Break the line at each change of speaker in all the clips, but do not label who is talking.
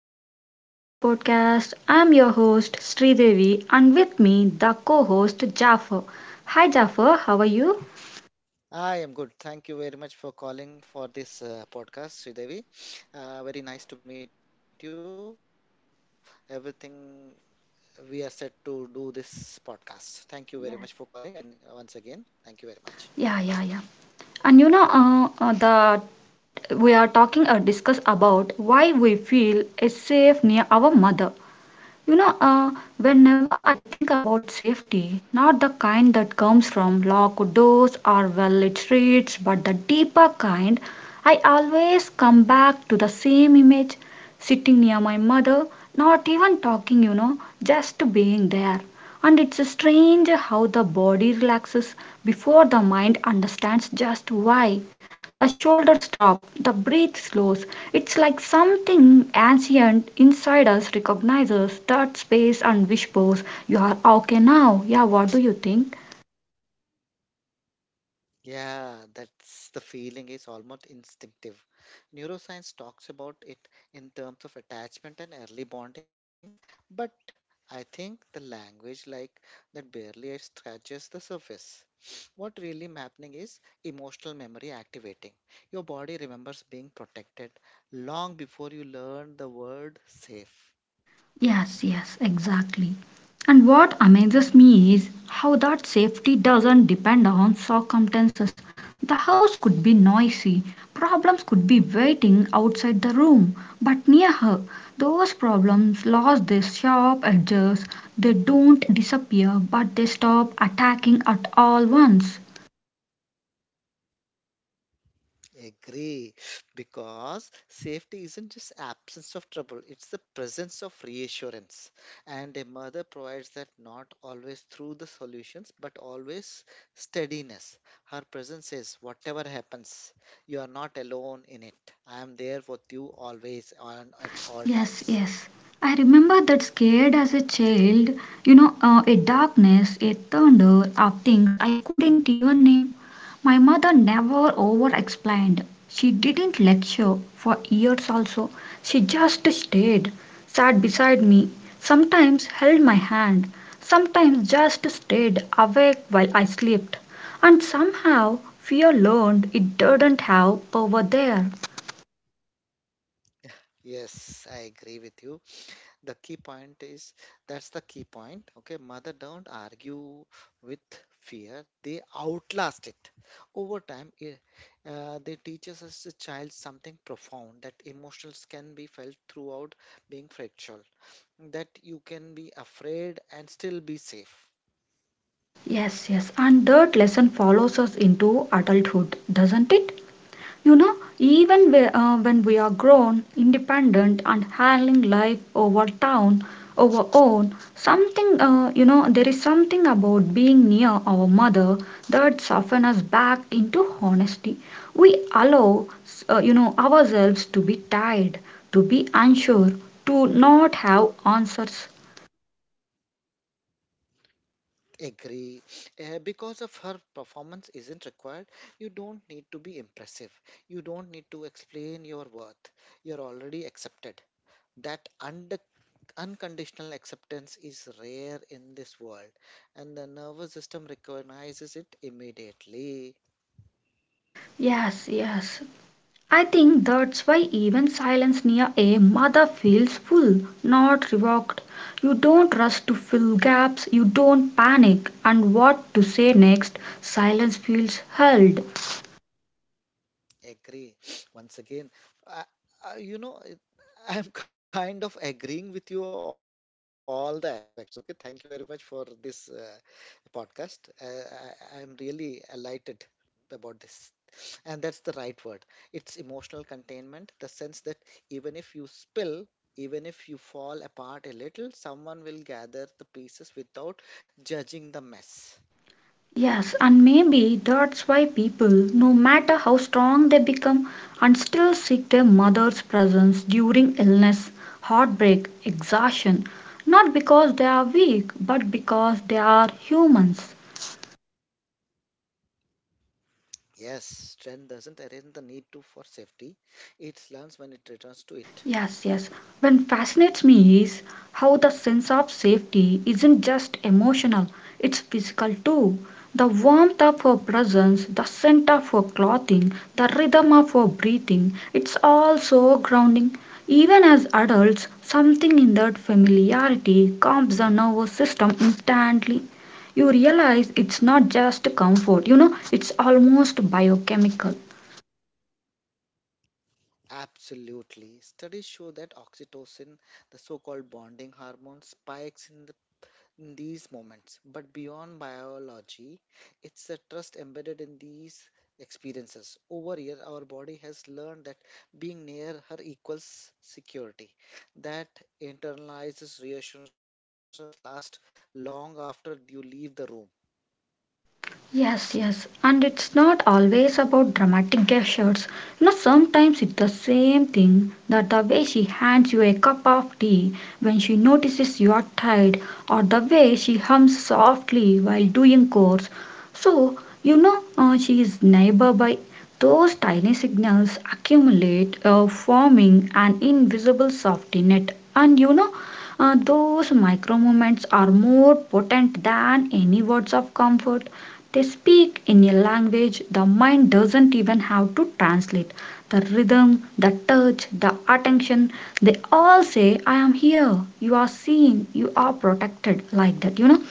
welcome back to the podcast. I'm your host Sridevi and with me the co-host Jaffer. Hi Jaffer, how are you?
I am good. Thank you very much for calling for this podcast, Sridevi. Very nice to meet you. Everything we are set to do this podcast. Thank you very
Yes.
much for calling. And once again, thank you very much.
Yeah, yeah, yeah. And you know the we are talking or discuss about why we feel is safe near our mother. You know, whenever I think about safety, not the kind that comes from locked doors or well lit streets, but the deeper kind, I always come back to the same image sitting near my mother, not even talking, you know, just being there. And it's strange how the body relaxes before the mind understands just why. The shoulders drop, the breath slows. It's like something ancient inside us recognizes that space and whispers, "You're okay now." Yeah, what do you think?
Yeah, that's the feeling is almost instinctive. Neuroscience talks about it in terms of attachment and early bonding, but I think the language like that barely scratches the surface. What really happening is emotional memory activating. Your body remembers being protected long before you learn the word safe.
Yes, yes, exactly. And what amazes me is how that safety doesn't depend on circumstances. The house could be noisy, problems could be waiting outside the room, but near her, those problems lost their sharp edges. They don't disappear, but they stop attacking at all once.
Agree, because safety isn't just absence of trouble, it's the presence of reassurance. And a mother provides that not always through the solutions, but always steadiness. Her presence says, whatever happens, you are not alone in it. I am there with you always and at all
Yes,
times.
yes. I remember that scared as a child, you know, a darkness, a thunder, of things I couldn't even name. My mother never over explained. She didn't lecture for years also. She just stayed, sat beside me, sometimes held my hand, sometimes just stayed awake while I slept. And somehow fear learned it didn't have power there.
Yes, I agree with you. The key point is that's the key point okay mother don't argue with fear, they outlast it over time, they teaches us the child something profound, that emotions can be felt throughout being fractured, that you can be afraid and still be safe.
Yes, yes, and that lesson follows us into adulthood, doesn't it? You know, even when
Yes.
we are grown, independent, and handling life over town, over own, something, you know, there is something about being near our mother that softens us back into honesty. We allow, you know, ourselves to be tired, to be unsure, to not have answers.
Agree. Because of her, performance isn't required, you don't need to be impressive, you don't need to explain your worth, you're already accepted. That under. Unconditional acceptance is rare in this world, and the nervous system recognizes it immediately.
Yes, yes. I think that's why even silence near a mother feels full, not revoked. You don't rush to fill gaps, you don't panic, and what to say next, silence feels held.
Agree. Once again, I, I, I'm kind of agreeing with you all the aspects. Okay, thank you very much for this podcast. I'm really elated about this. And that's the right word. It's emotional containment, the sense that even if you spill, even if you fall apart a little, someone will gather the pieces without judging the mess.
Yes, and maybe that's why people, no matter how strong they become, and still seek their mother's presence during illness, heartbreak, exhaustion, not because they are weak, but because they are humans.
Yes, strength doesn't erase the need to for safety. It learns when it returns to it.
Yes, yes. What fascinates me is how the sense of safety isn't just emotional, it's physical too. The warmth of her presence, the scent of her clothing, the rhythm of her breathing, it's all so grounding. Even as adults, something in that familiarity calms the nervous system instantly. You realize it's not just comfort, you know, it's almost biochemical.
Absolutely. Studies show that oxytocin, the so called bonding hormone, spikes in, in these moments. But beyond biology, it's the trust embedded in these experiences. Over here, our body has learned that being near her equals security. That internalizes reassurances last long after you leave the room.
Yes, yes, and it's not always about dramatic gestures. You know, sometimes it's the same thing that the way she hands you a cup of tea when she notices you are tired, or the way she hums softly while doing chores. So, you know, she is neighbor by those tiny signals accumulate, forming an invisible safety net. And you know, those micro moments are more potent than any words of comfort. They speak in a language the mind doesn't even have to translate. The rhythm, the touch, the attention, they all say, "I am here, you are seen, you are protected," like that, you know.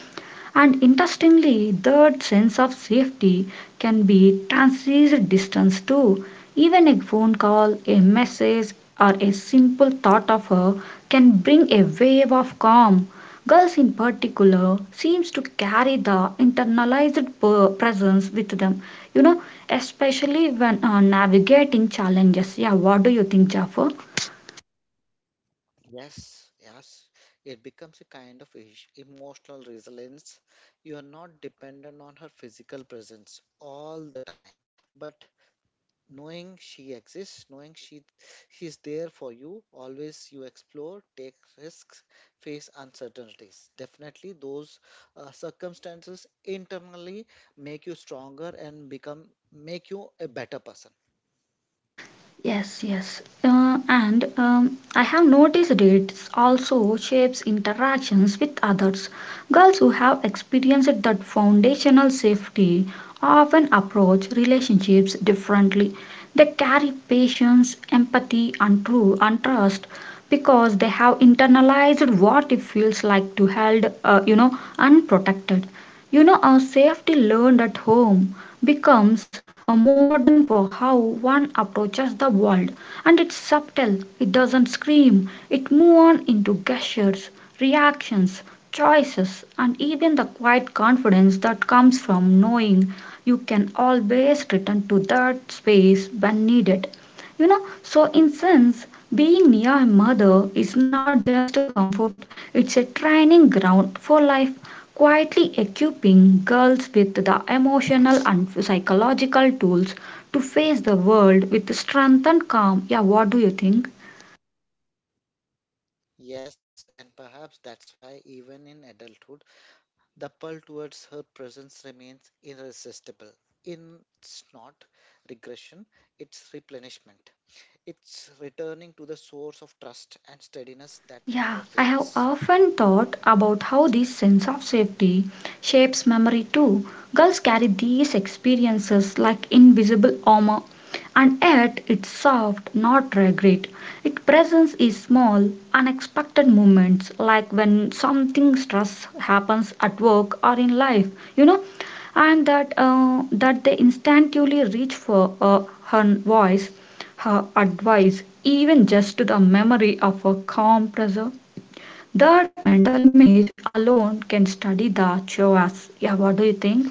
And interestingly, that sense of safety can be transcends distance too. Even a phone call, a message, or a simple thought of her can bring a wave of calm. Girls in particular seems to carry the internalized presence with them, you know, especially when navigating challenges. Yeah, what do you think, Jaffer?
Yes, yes. It becomes a kind of emotional resilience. You are not dependent on her physical presence all the time, but knowing she exists, knowing she's there for you, always you explore, take risks, face uncertainties. Definitely, those circumstances internally make you stronger and become make you a better person.
Yes, yes. And I have noticed it also shapes interactions with others. Girls who have experienced that foundational safety often approach relationships differently. They carry patience, empathy, and true and trust because they have internalized what it feels like to held, you know, unprotected. You know, our safety learned at home becomes a modern for how one approaches the world. And it's subtle, it doesn't scream, it moves on into gestures, reactions, choices, and even the quiet confidence that comes from knowing you can always return to that space when needed, you know. So in sense, being near a mother is not just a comfort, it's a training ground for life, quietly equipping girls with the emotional and psychological tools to face the world with strength and calm. Yeah, what do you think?
Yes, and perhaps that's why even in adulthood the pull towards her presence remains irresistible. In it's not regression, it's replenishment. It's returning to the source of trust and steadiness that never
Yeah, I have
fades.
often thought about how this sense of safety shapes memory too. Girls carry these experiences like invisible armor, and yet it's soft, not regret. Its presence is small, unexpected moments like when something stress happens at work or in life, you know, and that they instinctively reach for her voice, her advice, even just the memory of a calm pressure. That mental image alone can study the Chihuahuas. Yeah, what do you think?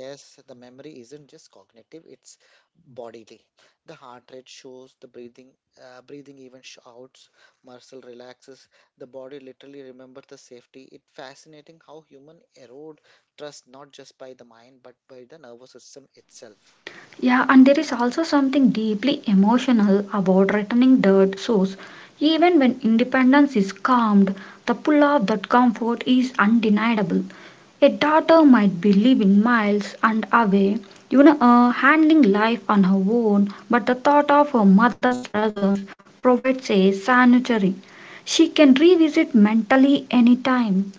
Yes, the memory isn't just cognitive, it's bodily. The heart rate shows, the breathing even shouts, muscle relaxes, the body literally remembers the safety. It's fascinating how human erode trust not just by the mind but by the nervous system
Yeah,
itself.
and there is also something deeply emotional about returning dirt source. Even when independence is calmed, the pull of that comfort is undeniable. A daughter might be living miles and away, you know, handling life on her own, but the thought of her mother's presence provides a sanctuary. She can revisit mentally anytime.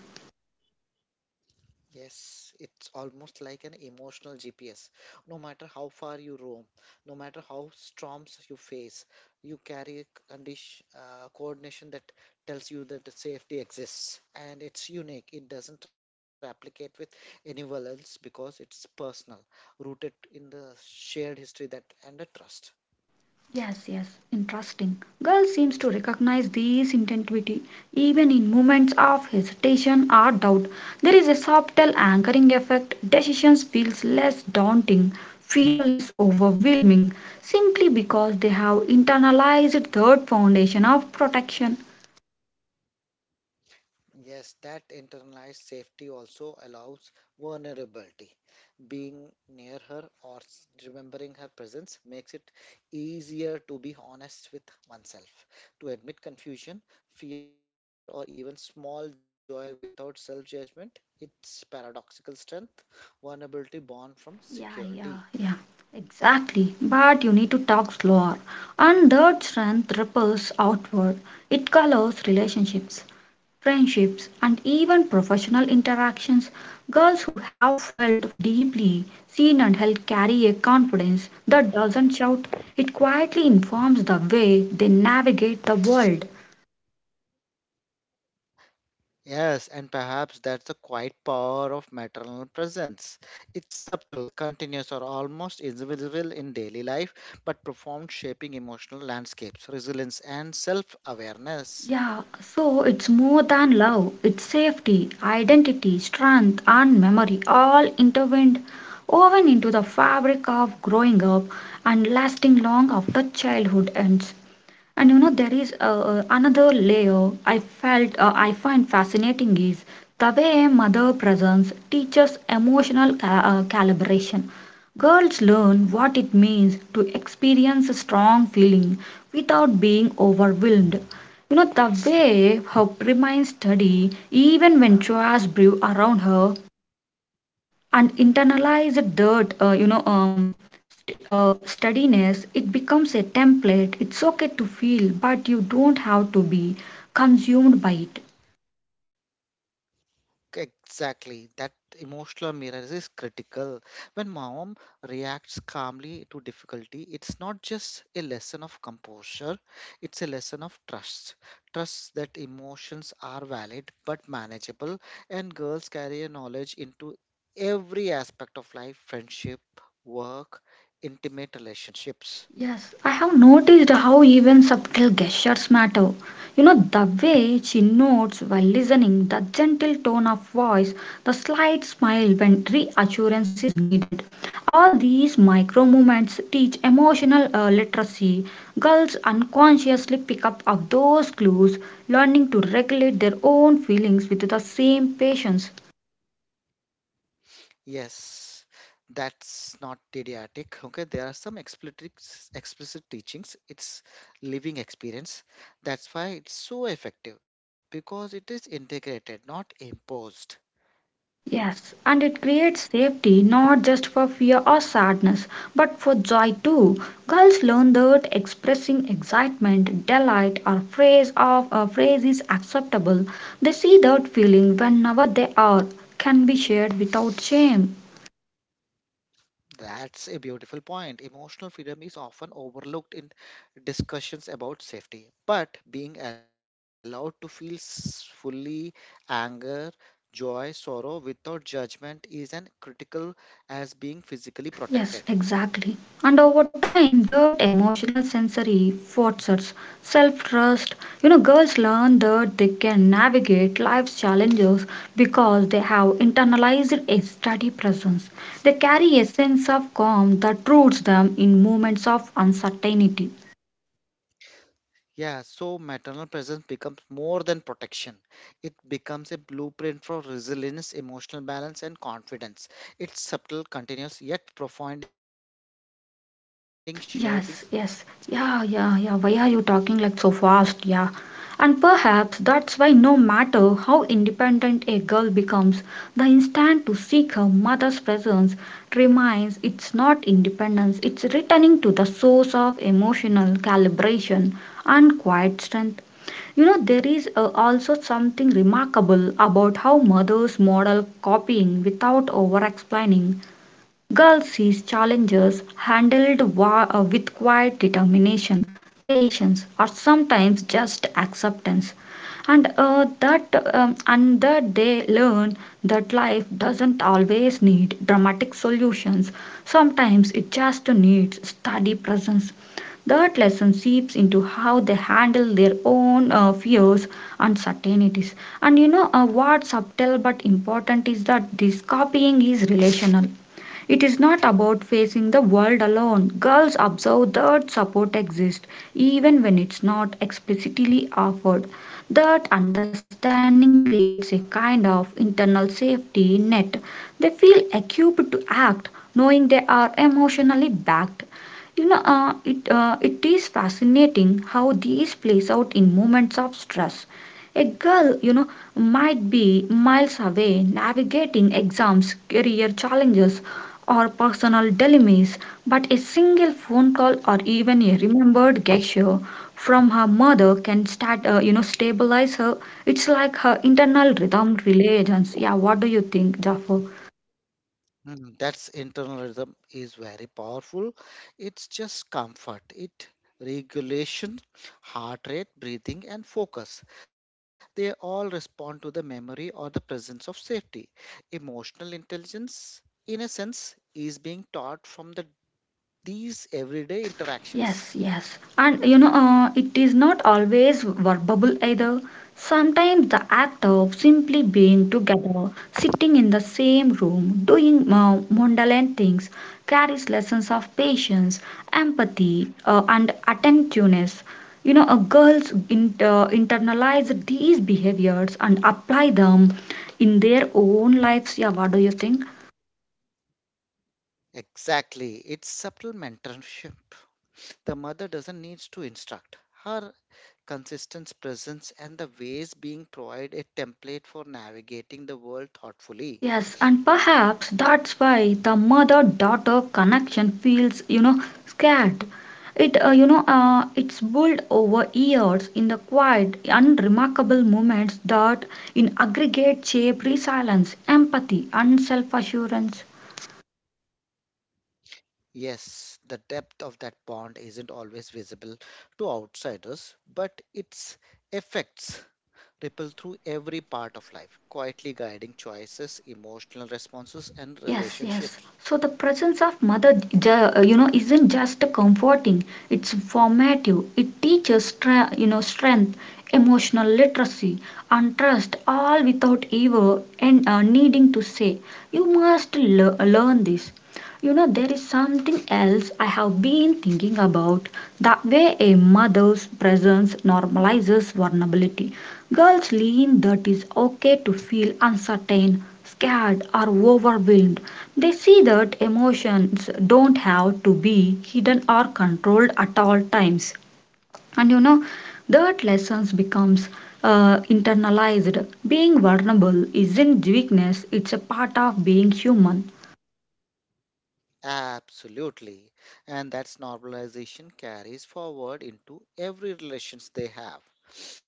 Yes, it's almost like an emotional GPS. No matter how far you roam, no matter how storms you face, you carry a coordination that tells you that the safety exists. And it's unique. It doesn't replicate with anyone else because it's personal, rooted in the shared history that and the trust.
Yes, yes, interesting. Girl seems to recognize this intensity even in moments of hesitation or doubt. There is a subtle anchoring effect. Decisions feels less daunting, feel less overwhelming, simply because they have internalized third foundation of protection.
Yes, that internalized safety also allows vulnerability. Being near her or remembering her presence makes it easier to be honest with oneself, to admit confusion, fear, or even small joy without self judgment. It's paradoxical strength, vulnerability born from
Yeah,
security.
yeah, yeah. Exactly. But you need to talk slower. And that strength ripples outward. It colors relationships, friendships, and even professional interactions. Girls who have felt deeply seen and held carry a confidence that doesn't shout. It quietly informs the way they navigate the world.
Yes, and perhaps that's the quiet power of maternal presence. It's subtle, continuous, or almost invisible in daily life, but profound, shaping emotional landscapes, resilience, and self awareness.
Yeah, so it's more than love, it's safety, identity, strength, and memory all intertwined, woven into the fabric of growing up and lasting long after childhood ends. And you know, there is another layer I felt I find fascinating is the way a mother presence teaches emotional calibration. Girls learn what it means to experience a strong feeling without being overwhelmed. You know, the way her remained steady even when chores brew around her and internalized dirt, you know, steadiness, it becomes a template. It's okay to feel, but you don't have to be consumed by it.
Exactly. That emotional mirror is critical. When mom reacts calmly to difficulty, it's not just a lesson of composure, it's a lesson of trust. Trust that emotions are valid but manageable, and girls carry a knowledge into every aspect of life, friendship, work, intimate relationships.
Yes, I have noticed how even subtle gestures matter. You know, the way she nods while listening, the gentle tone of voice, the slight smile when reassurance is needed. All these micro movements teach emotional literacy. Girls unconsciously pick up of those clues, learning to regulate their own feelings with the same patience.
Yes, that's not didactic. Okay, there are some explicit teachings. It's living experience. That's why it's so effective because it is integrated, not imposed.
Yes, and it creates safety not just for fear or sadness, but for joy too. Girls learn that expressing excitement, delight, or praise of a phrase is acceptable. They see that feeling whenever they are can be shared without shame.
That's a beautiful point. Emotional freedom is often overlooked in discussions about safety, but being allowed to feel fully anger, joy, sorrow without judgment is as critical as being physically protected.
Yes, exactly. And over time, that emotional sensory forces, self trust, you know, girls learn that they can navigate life's challenges because they have internalized a steady presence. They carry a sense of calm that roots them in moments of uncertainty.
Yeah, so maternal presence becomes more than protection. It becomes a blueprint for resilience, emotional balance, and confidence. It's subtle, continuous, yet profounding, shaping who a girl
Yes,
becomes.
yes. Yeah, yeah, yeah. Why are you talking like so fast? Yeah. And perhaps that's why no matter how independent a girl becomes, the instinct to seek her mother's presence remains. It's not independence, it's returning to the source of emotional calibration and quiet strength. You know, there is also something remarkable about how mothers model copying without over explaining. Gull sees challenges handled with quiet determination, patience, or sometimes just acceptance. And that they learn that life doesn't always need dramatic solutions. Sometimes it just needs steady presence. That lesson seeps into how they handle their own fears, uncertainties. And you know, what's subtle but important is that this copying is relational. It is not about facing the world alone. Girls observe that support exists even when it's not explicitly offered. That understanding creates a kind of internal safety net. They feel equipped to act, knowing they are emotionally backed. You know, it is fascinating how these plays out in moments of stress. A girl, you know, might be miles away navigating exams, career challenges, or personal dilemmas, but a single phone call or even a remembered gesture from her mother can start, you know, stabilize her. It's like her internal rhythm religions. Yeah, what do you think, Jaffer?
Hmm, that's internal rhythm is very powerful. It's just comfort. It regulation, heart rate, breathing, and focus. They all respond to the memory or the presence of safety. Emotional intelligence, in a sense, is being taught from the these everyday
Yes,
interactions.
yes. And you know, it is not always verbal either. Sometimes the act of simply being together, sitting in the same room, doing mundane things, carries lessons of patience, empathy, and attentiveness. You know, girls internalize these behaviors and apply them in their own lives. Yeah, what do you think?
Exactly, it's subtle mentorship. The mother doesn't need to instruct. Her consistent presence and the ways being provide a template for navigating the world thoughtfully.
Yes, and perhaps that's why the mother daughter connection feels, you know, scared. It's built over years in the quiet, unremarkable moments that, in aggregate, shape resilience, empathy, and self assurance.
Yes, the depth of that bond isn't always visible to outsiders, but its effects ripple through every part of life, quietly guiding choices, emotional responses, and
Yes, yes.
relationships.
So the presence of mother, isn't just comforting. It's formative. It teaches, strength, emotional literacy, and trust, all without ever and needing to say, "You must learn this." You know, there is something else I have been thinking about the way a mother's presence normalizes vulnerability. Girls learn that it's okay to feel uncertain, scared, or overwhelmed. They see that emotions don't have to be hidden or controlled at all times. And you know, that lessons becomes internalized. Being vulnerable isn't weakness, it's a part of being human.
Absolutely. And that's normalization carries forward into every relations they have.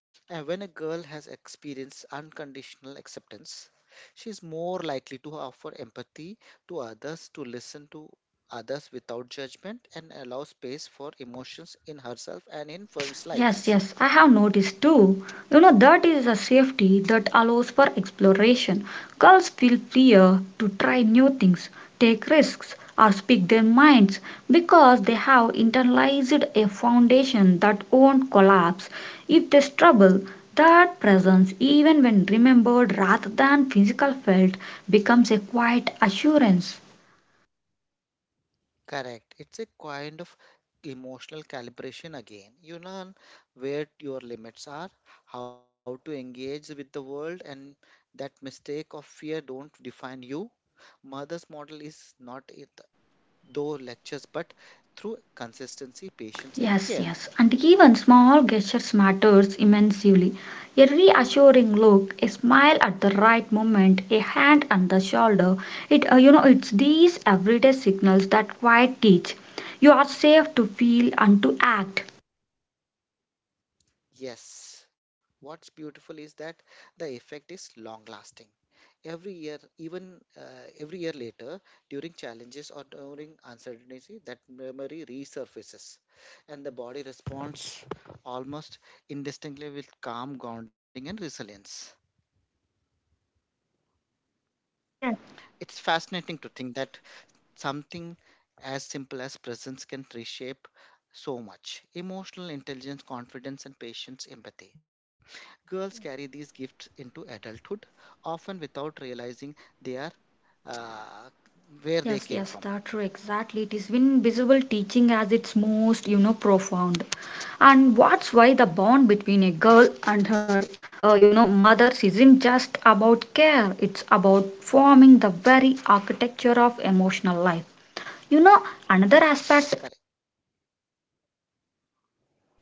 And when a girl has experienced unconditional acceptance, she is more likely to offer empathy to others, to listen to others without judgment, and allow space for emotions in herself and in friends'
Yes,
lives.
yes, I have noticed too. You know, that is a safety that allows for exploration. Girls feel freer to try new things, take risks, or speak their minds because they have internalized a foundation that won't collapse if they struggle. That presence, even when remembered rather than physical felt, becomes a quiet assurance.
Correct. It's a kind of emotional calibration again. You learn where your limits are, how to engage with the world, and that mistake of fear don't define you. Mother's model is not it, though lectures, but through consistency, patience, and
Yes,
care.
yes, and even small gestures matters immensely. A reassuring look, a smile at the right moment, a hand on the shoulder. It's these everyday signals that quite teach. You are safe to feel and to act.
Yes. What's beautiful is that the effect is long lasting. Every year, even every year later, during challenges or during uncertainty, that memory resurfaces and the body responds almost indistinctly with calm grounding and resilience. It's fascinating to think that something as simple as presence can reshape so much emotional intelligence, confidence, and patience empathy. Girls carry these gifts into adulthood, often without realizing they are uh, where they
Yes,
came
yes,
from.
that's true. Exactly. It is invisible teaching as its most, profound. And what's why the bond between a girl and her, mothers isn't just about care. It's about forming the very architecture of emotional life. You know, another aspect.
Correct.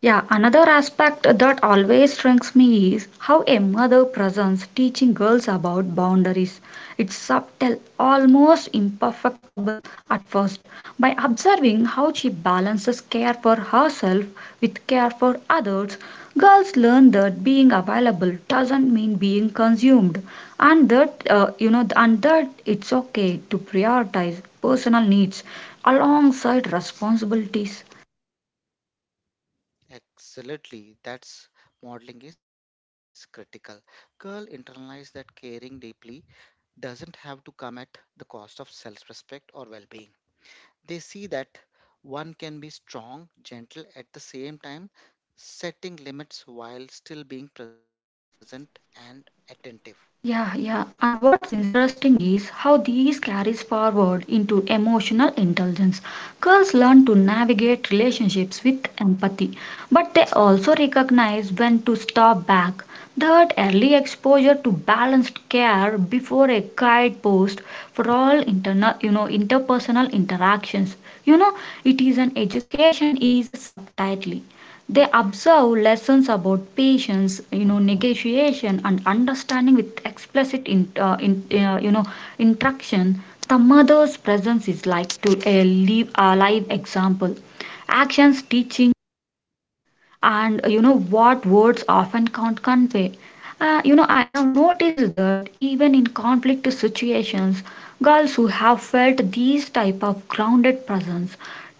Yeah, another aspect that always strikes me is how a mother presents teaching girls about boundaries. It's subtle, almost imperfectible at first. By observing how she balances care for herself with care for others, girls learn that being available doesn't mean being consumed and that it's okay to prioritize personal needs alongside responsibilities.
Absolutely, that's modeling is critical. Girl internalized that caring deeply doesn't have to come at the cost of self respect or well being. They see that one can be strong, gentle at the same time, setting limits while still being present and attentive.
Yeah, yeah. And what's interesting is how these carries forward into emotional intelligence. Girls learn to navigate relationships with empathy, but they also recognize when to step back. That early exposure to balanced care before a guidepost for all interpersonal interactions. You know, it is an education is subtitly they observe lessons about patience, negotiation, and understanding with explicit in interaction. The mother's presence is like to a live example. Actions teaching and what words often can't convey. I have noticed that even in conflict situations, girls who have felt these type of grounded presence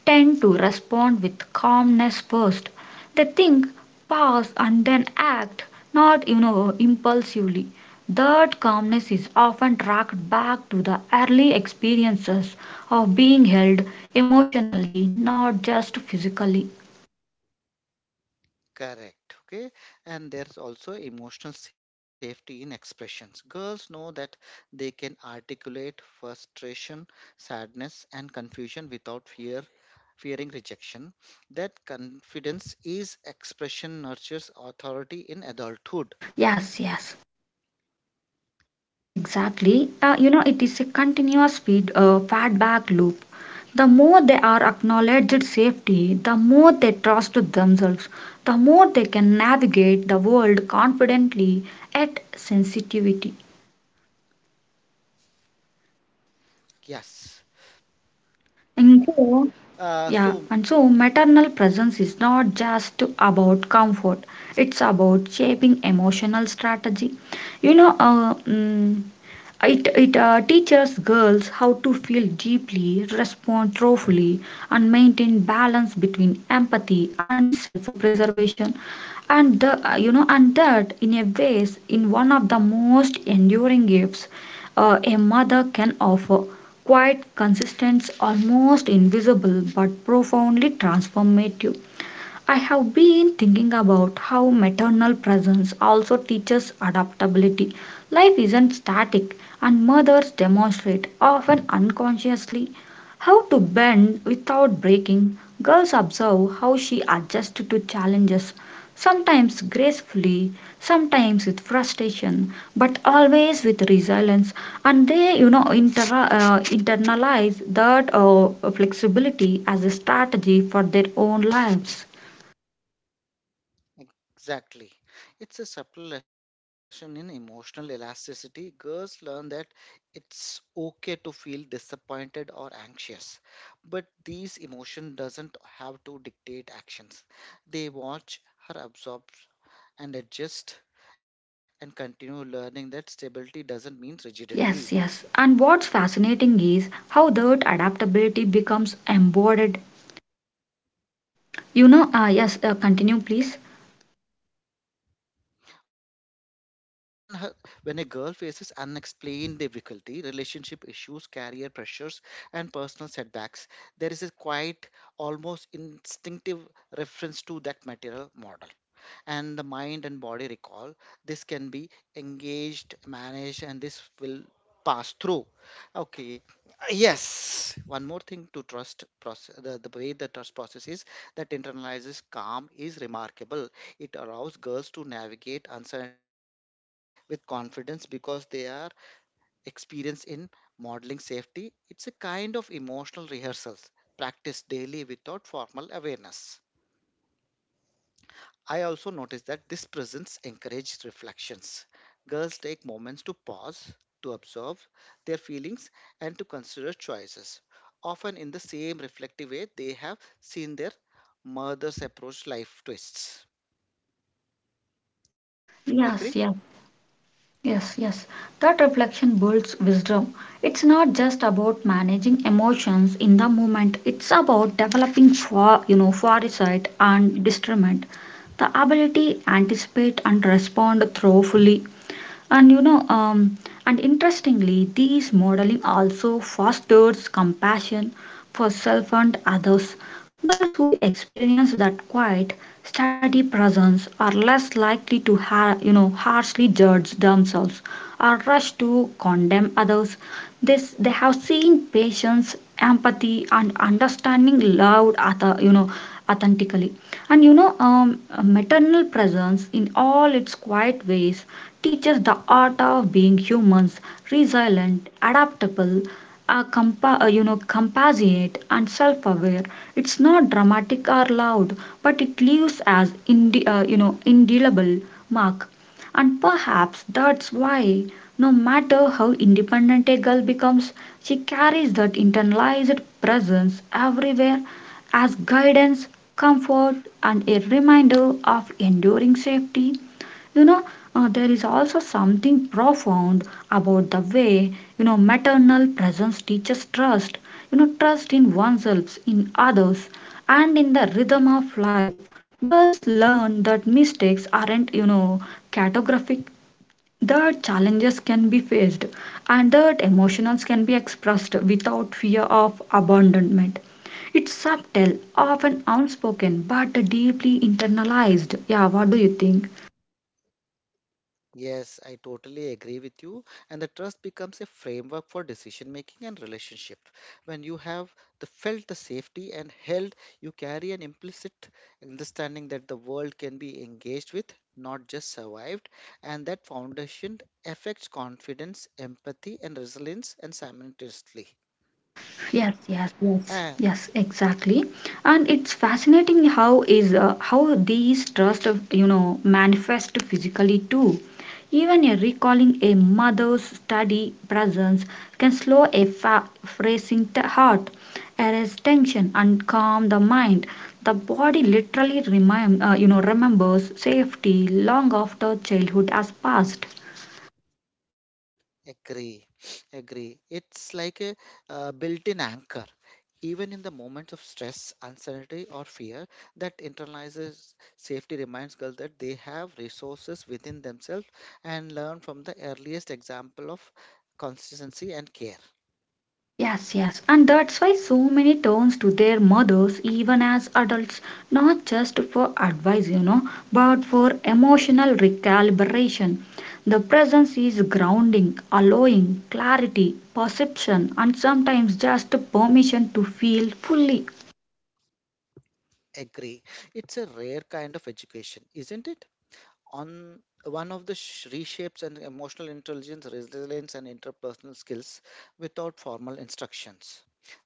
tend to respond with calmness first. They think, pause, and then act, not impulsively. That calmness is often tracked back to the early experiences of being held emotionally, not just physically.
Correct. Okay. And there's also emotional safety in expressions. Girls know that they can articulate frustration, sadness, and confusion without fear, fearing rejection. That confidence is expression nurtures authority in adulthood.
Yes, yes. Exactly. It is a continuous feedback loop. The more they are acknowledged safety, the more they trust themselves, the more they can navigate the world confidently at sensitivity.
Yes.
And so,
Uh,
yeah,
so
and so maternal presence is not just about comfort, it's about shaping emotional strategy. You know, uh, mm, it teaches girls how to feel deeply, respond thoughtfully, and maintain balance between empathy and self-preservation. And the, you know, and that in a ways, in one of the most enduring gifts a mother can offer quite consistent, almost invisible, but profoundly transformative. I have been thinking about how maternal presence also teaches adaptability. Life isn't static, and mothers demonstrate, often unconsciously, how to bend without breaking. Girls observe how she adjusts to challenges, sometimes gracefully, sometimes with frustration, but always with resilience. And they internalize that flexibility as a strategy for their own lives.
exactly. It's a subtle lesson in emotional elasticity. Girls learn that it's okay to feel disappointed or anxious, but these emotion doesn't have to dictate actions. They watch her absorb and adjust and continue learning that stability doesn't mean rigidity.
Yes, yes. And what's fascinating is how that adaptability becomes embodied. You know, ah, yes, continue, please.
When her, when a girl faces unexplained difficulty, relationship issues, career pressures, and personal setbacks, there is a quite almost instinctive reference to that material model and the mind and body recall. This can be engaged, managed, and this will pass through. Okay. Yes. One more thing to trust process, the way the trust process is that internalizes calm is remarkable. It allows girls to navigate uncertainty with confidence because they are experienced in modeling safety. It's a kind of emotional rehearsals practiced daily without formal awareness. I also noticed that this presence encouraged reflections. Girls take moments to pause, to observe their feelings, and to consider choices, often in the same reflective way they have seen their mothers approach life twists.
Yes, yeah.
Agree?
Yes, yes. That reflection builds wisdom. It's not just about managing emotions in the moment. It's about developing foresight and discernment, the ability anticipate and respond thoughtfully. And you know, um, and interestingly, these modeling also fosters compassion for self and others. Girls who experience that quiet, steady presence are less likely to, harshly judge themselves or rush to condemn others. This they have seen patience, empathy, and understanding loved, other, authentically. Maternal presence in all its quiet ways teaches the art of being humans, resilient, adaptable, compassionate, and self-aware. It's not dramatic or loud, but it leaves as indelible mark. And perhaps that's why, no matter how independent a girl becomes, she carries that internalized presence everywhere as guidance, comfort, and a reminder of enduring safety. you know there is also something profound about the way maternal presence teaches trust, trust in oneself, in others, and in the rhythm of life. Girls learn that mistakes aren't catastrophic, that challenges can be faced, and that emotions can be expressed without fear of abandonment. It's subtle, often unspoken but deeply internalized. Yeah, what do you think?
Yes, I totally agree with you. And the trust becomes a framework for decision making and relationship. When you have the felt the safety and held, you carry an implicit understanding that the world can be engaged with, not just survived. And that foundation affects confidence, empathy, and resilience, and simultaneously.
Yes, yes, yes, yes, exactly. And it's fascinating how these trust, manifest physically too. Even a recalling a mother's steady presence can slow a racing heart, arrest tension, and calm the mind. The body literally remembers safety long after childhood has passed.
Agree, agree. It's like a built-in anchor. Even in the moments of stress, uncertainty, or fear, that internalizes safety reminds girls that they have resources within themselves and learn from the earliest example of consistency and care.
Yes, yes, and that's why so many turns to their mothers, even as adults, not just for advice, but for emotional recalibration. The presence is grounding, allowing, clarity, perception, and sometimes just permission to feel fully.
Agree. It's a rare kind of education, isn't it? On one of the reshapes and emotional intelligence, resilience, and interpersonal skills without formal instructions.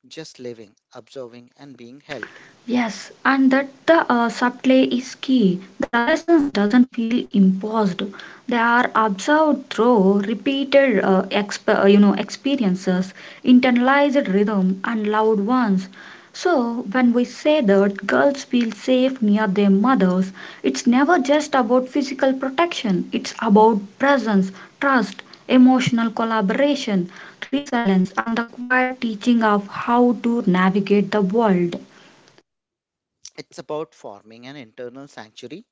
Just living, observing, and being held.
Yes, and that the subtlety is key. The lessons doesn't feel imposed; they are observed through repeated, experiences, internalized rhythm, and loved ones. So when we say that girls feel safe near their mothers, it's never just about physical protection. It's about presence, trust, emotional collaboration, resilience, and the quiet teaching of how to navigate the world.
It's about forming an internal sanctuary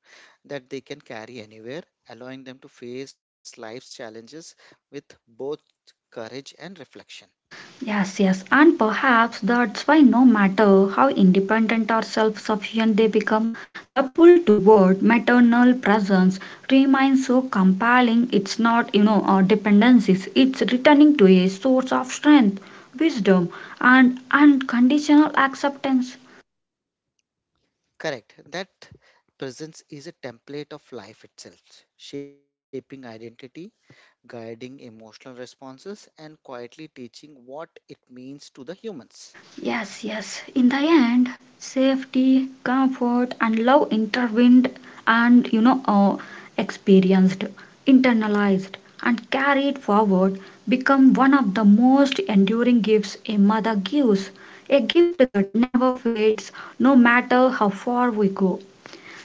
that they can carry anywhere, allowing them to face life's challenges with both courage and reflection.
Yes, yes, and perhaps that's why no matter how independent or self sufficient they become, the pull toward maternal presence remains so compelling. It's not dependencies, it's returning to a source of strength, wisdom, and unconditional acceptance.
Correct. That presence is a template of life itself, shaping identity, guiding emotional responses, and quietly teaching what it means to the humans.
Yes, yes. In the end, safety, comfort, and love intervened and experienced, internalized, and carried forward become one of the most enduring gifts a mother gives. A gift that never fades, no matter how far we go.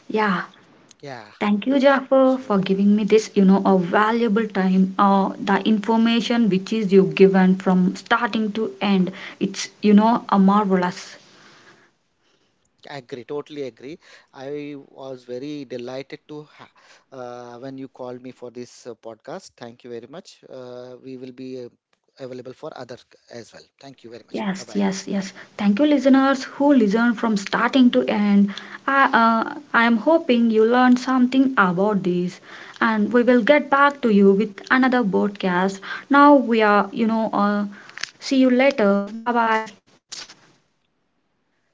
Yeah.
Yeah.
Thank you, Jaffer, for
So
giving me this, a valuable time. The information which is you given from starting to end, it's a marvelous.
agree, totally agree. I was very delighted to when you called me for this podcast. Thank you very much. We will be available for other as well. Thank you very much. Bye
Yes,
bye.
yes, yes. Thank you, listeners who listen from starting to end. I, I am hoping you learned something about this, and we will get back to you with another broadcast. Now we are, you know, see you later. Bye bye.
Bye bye.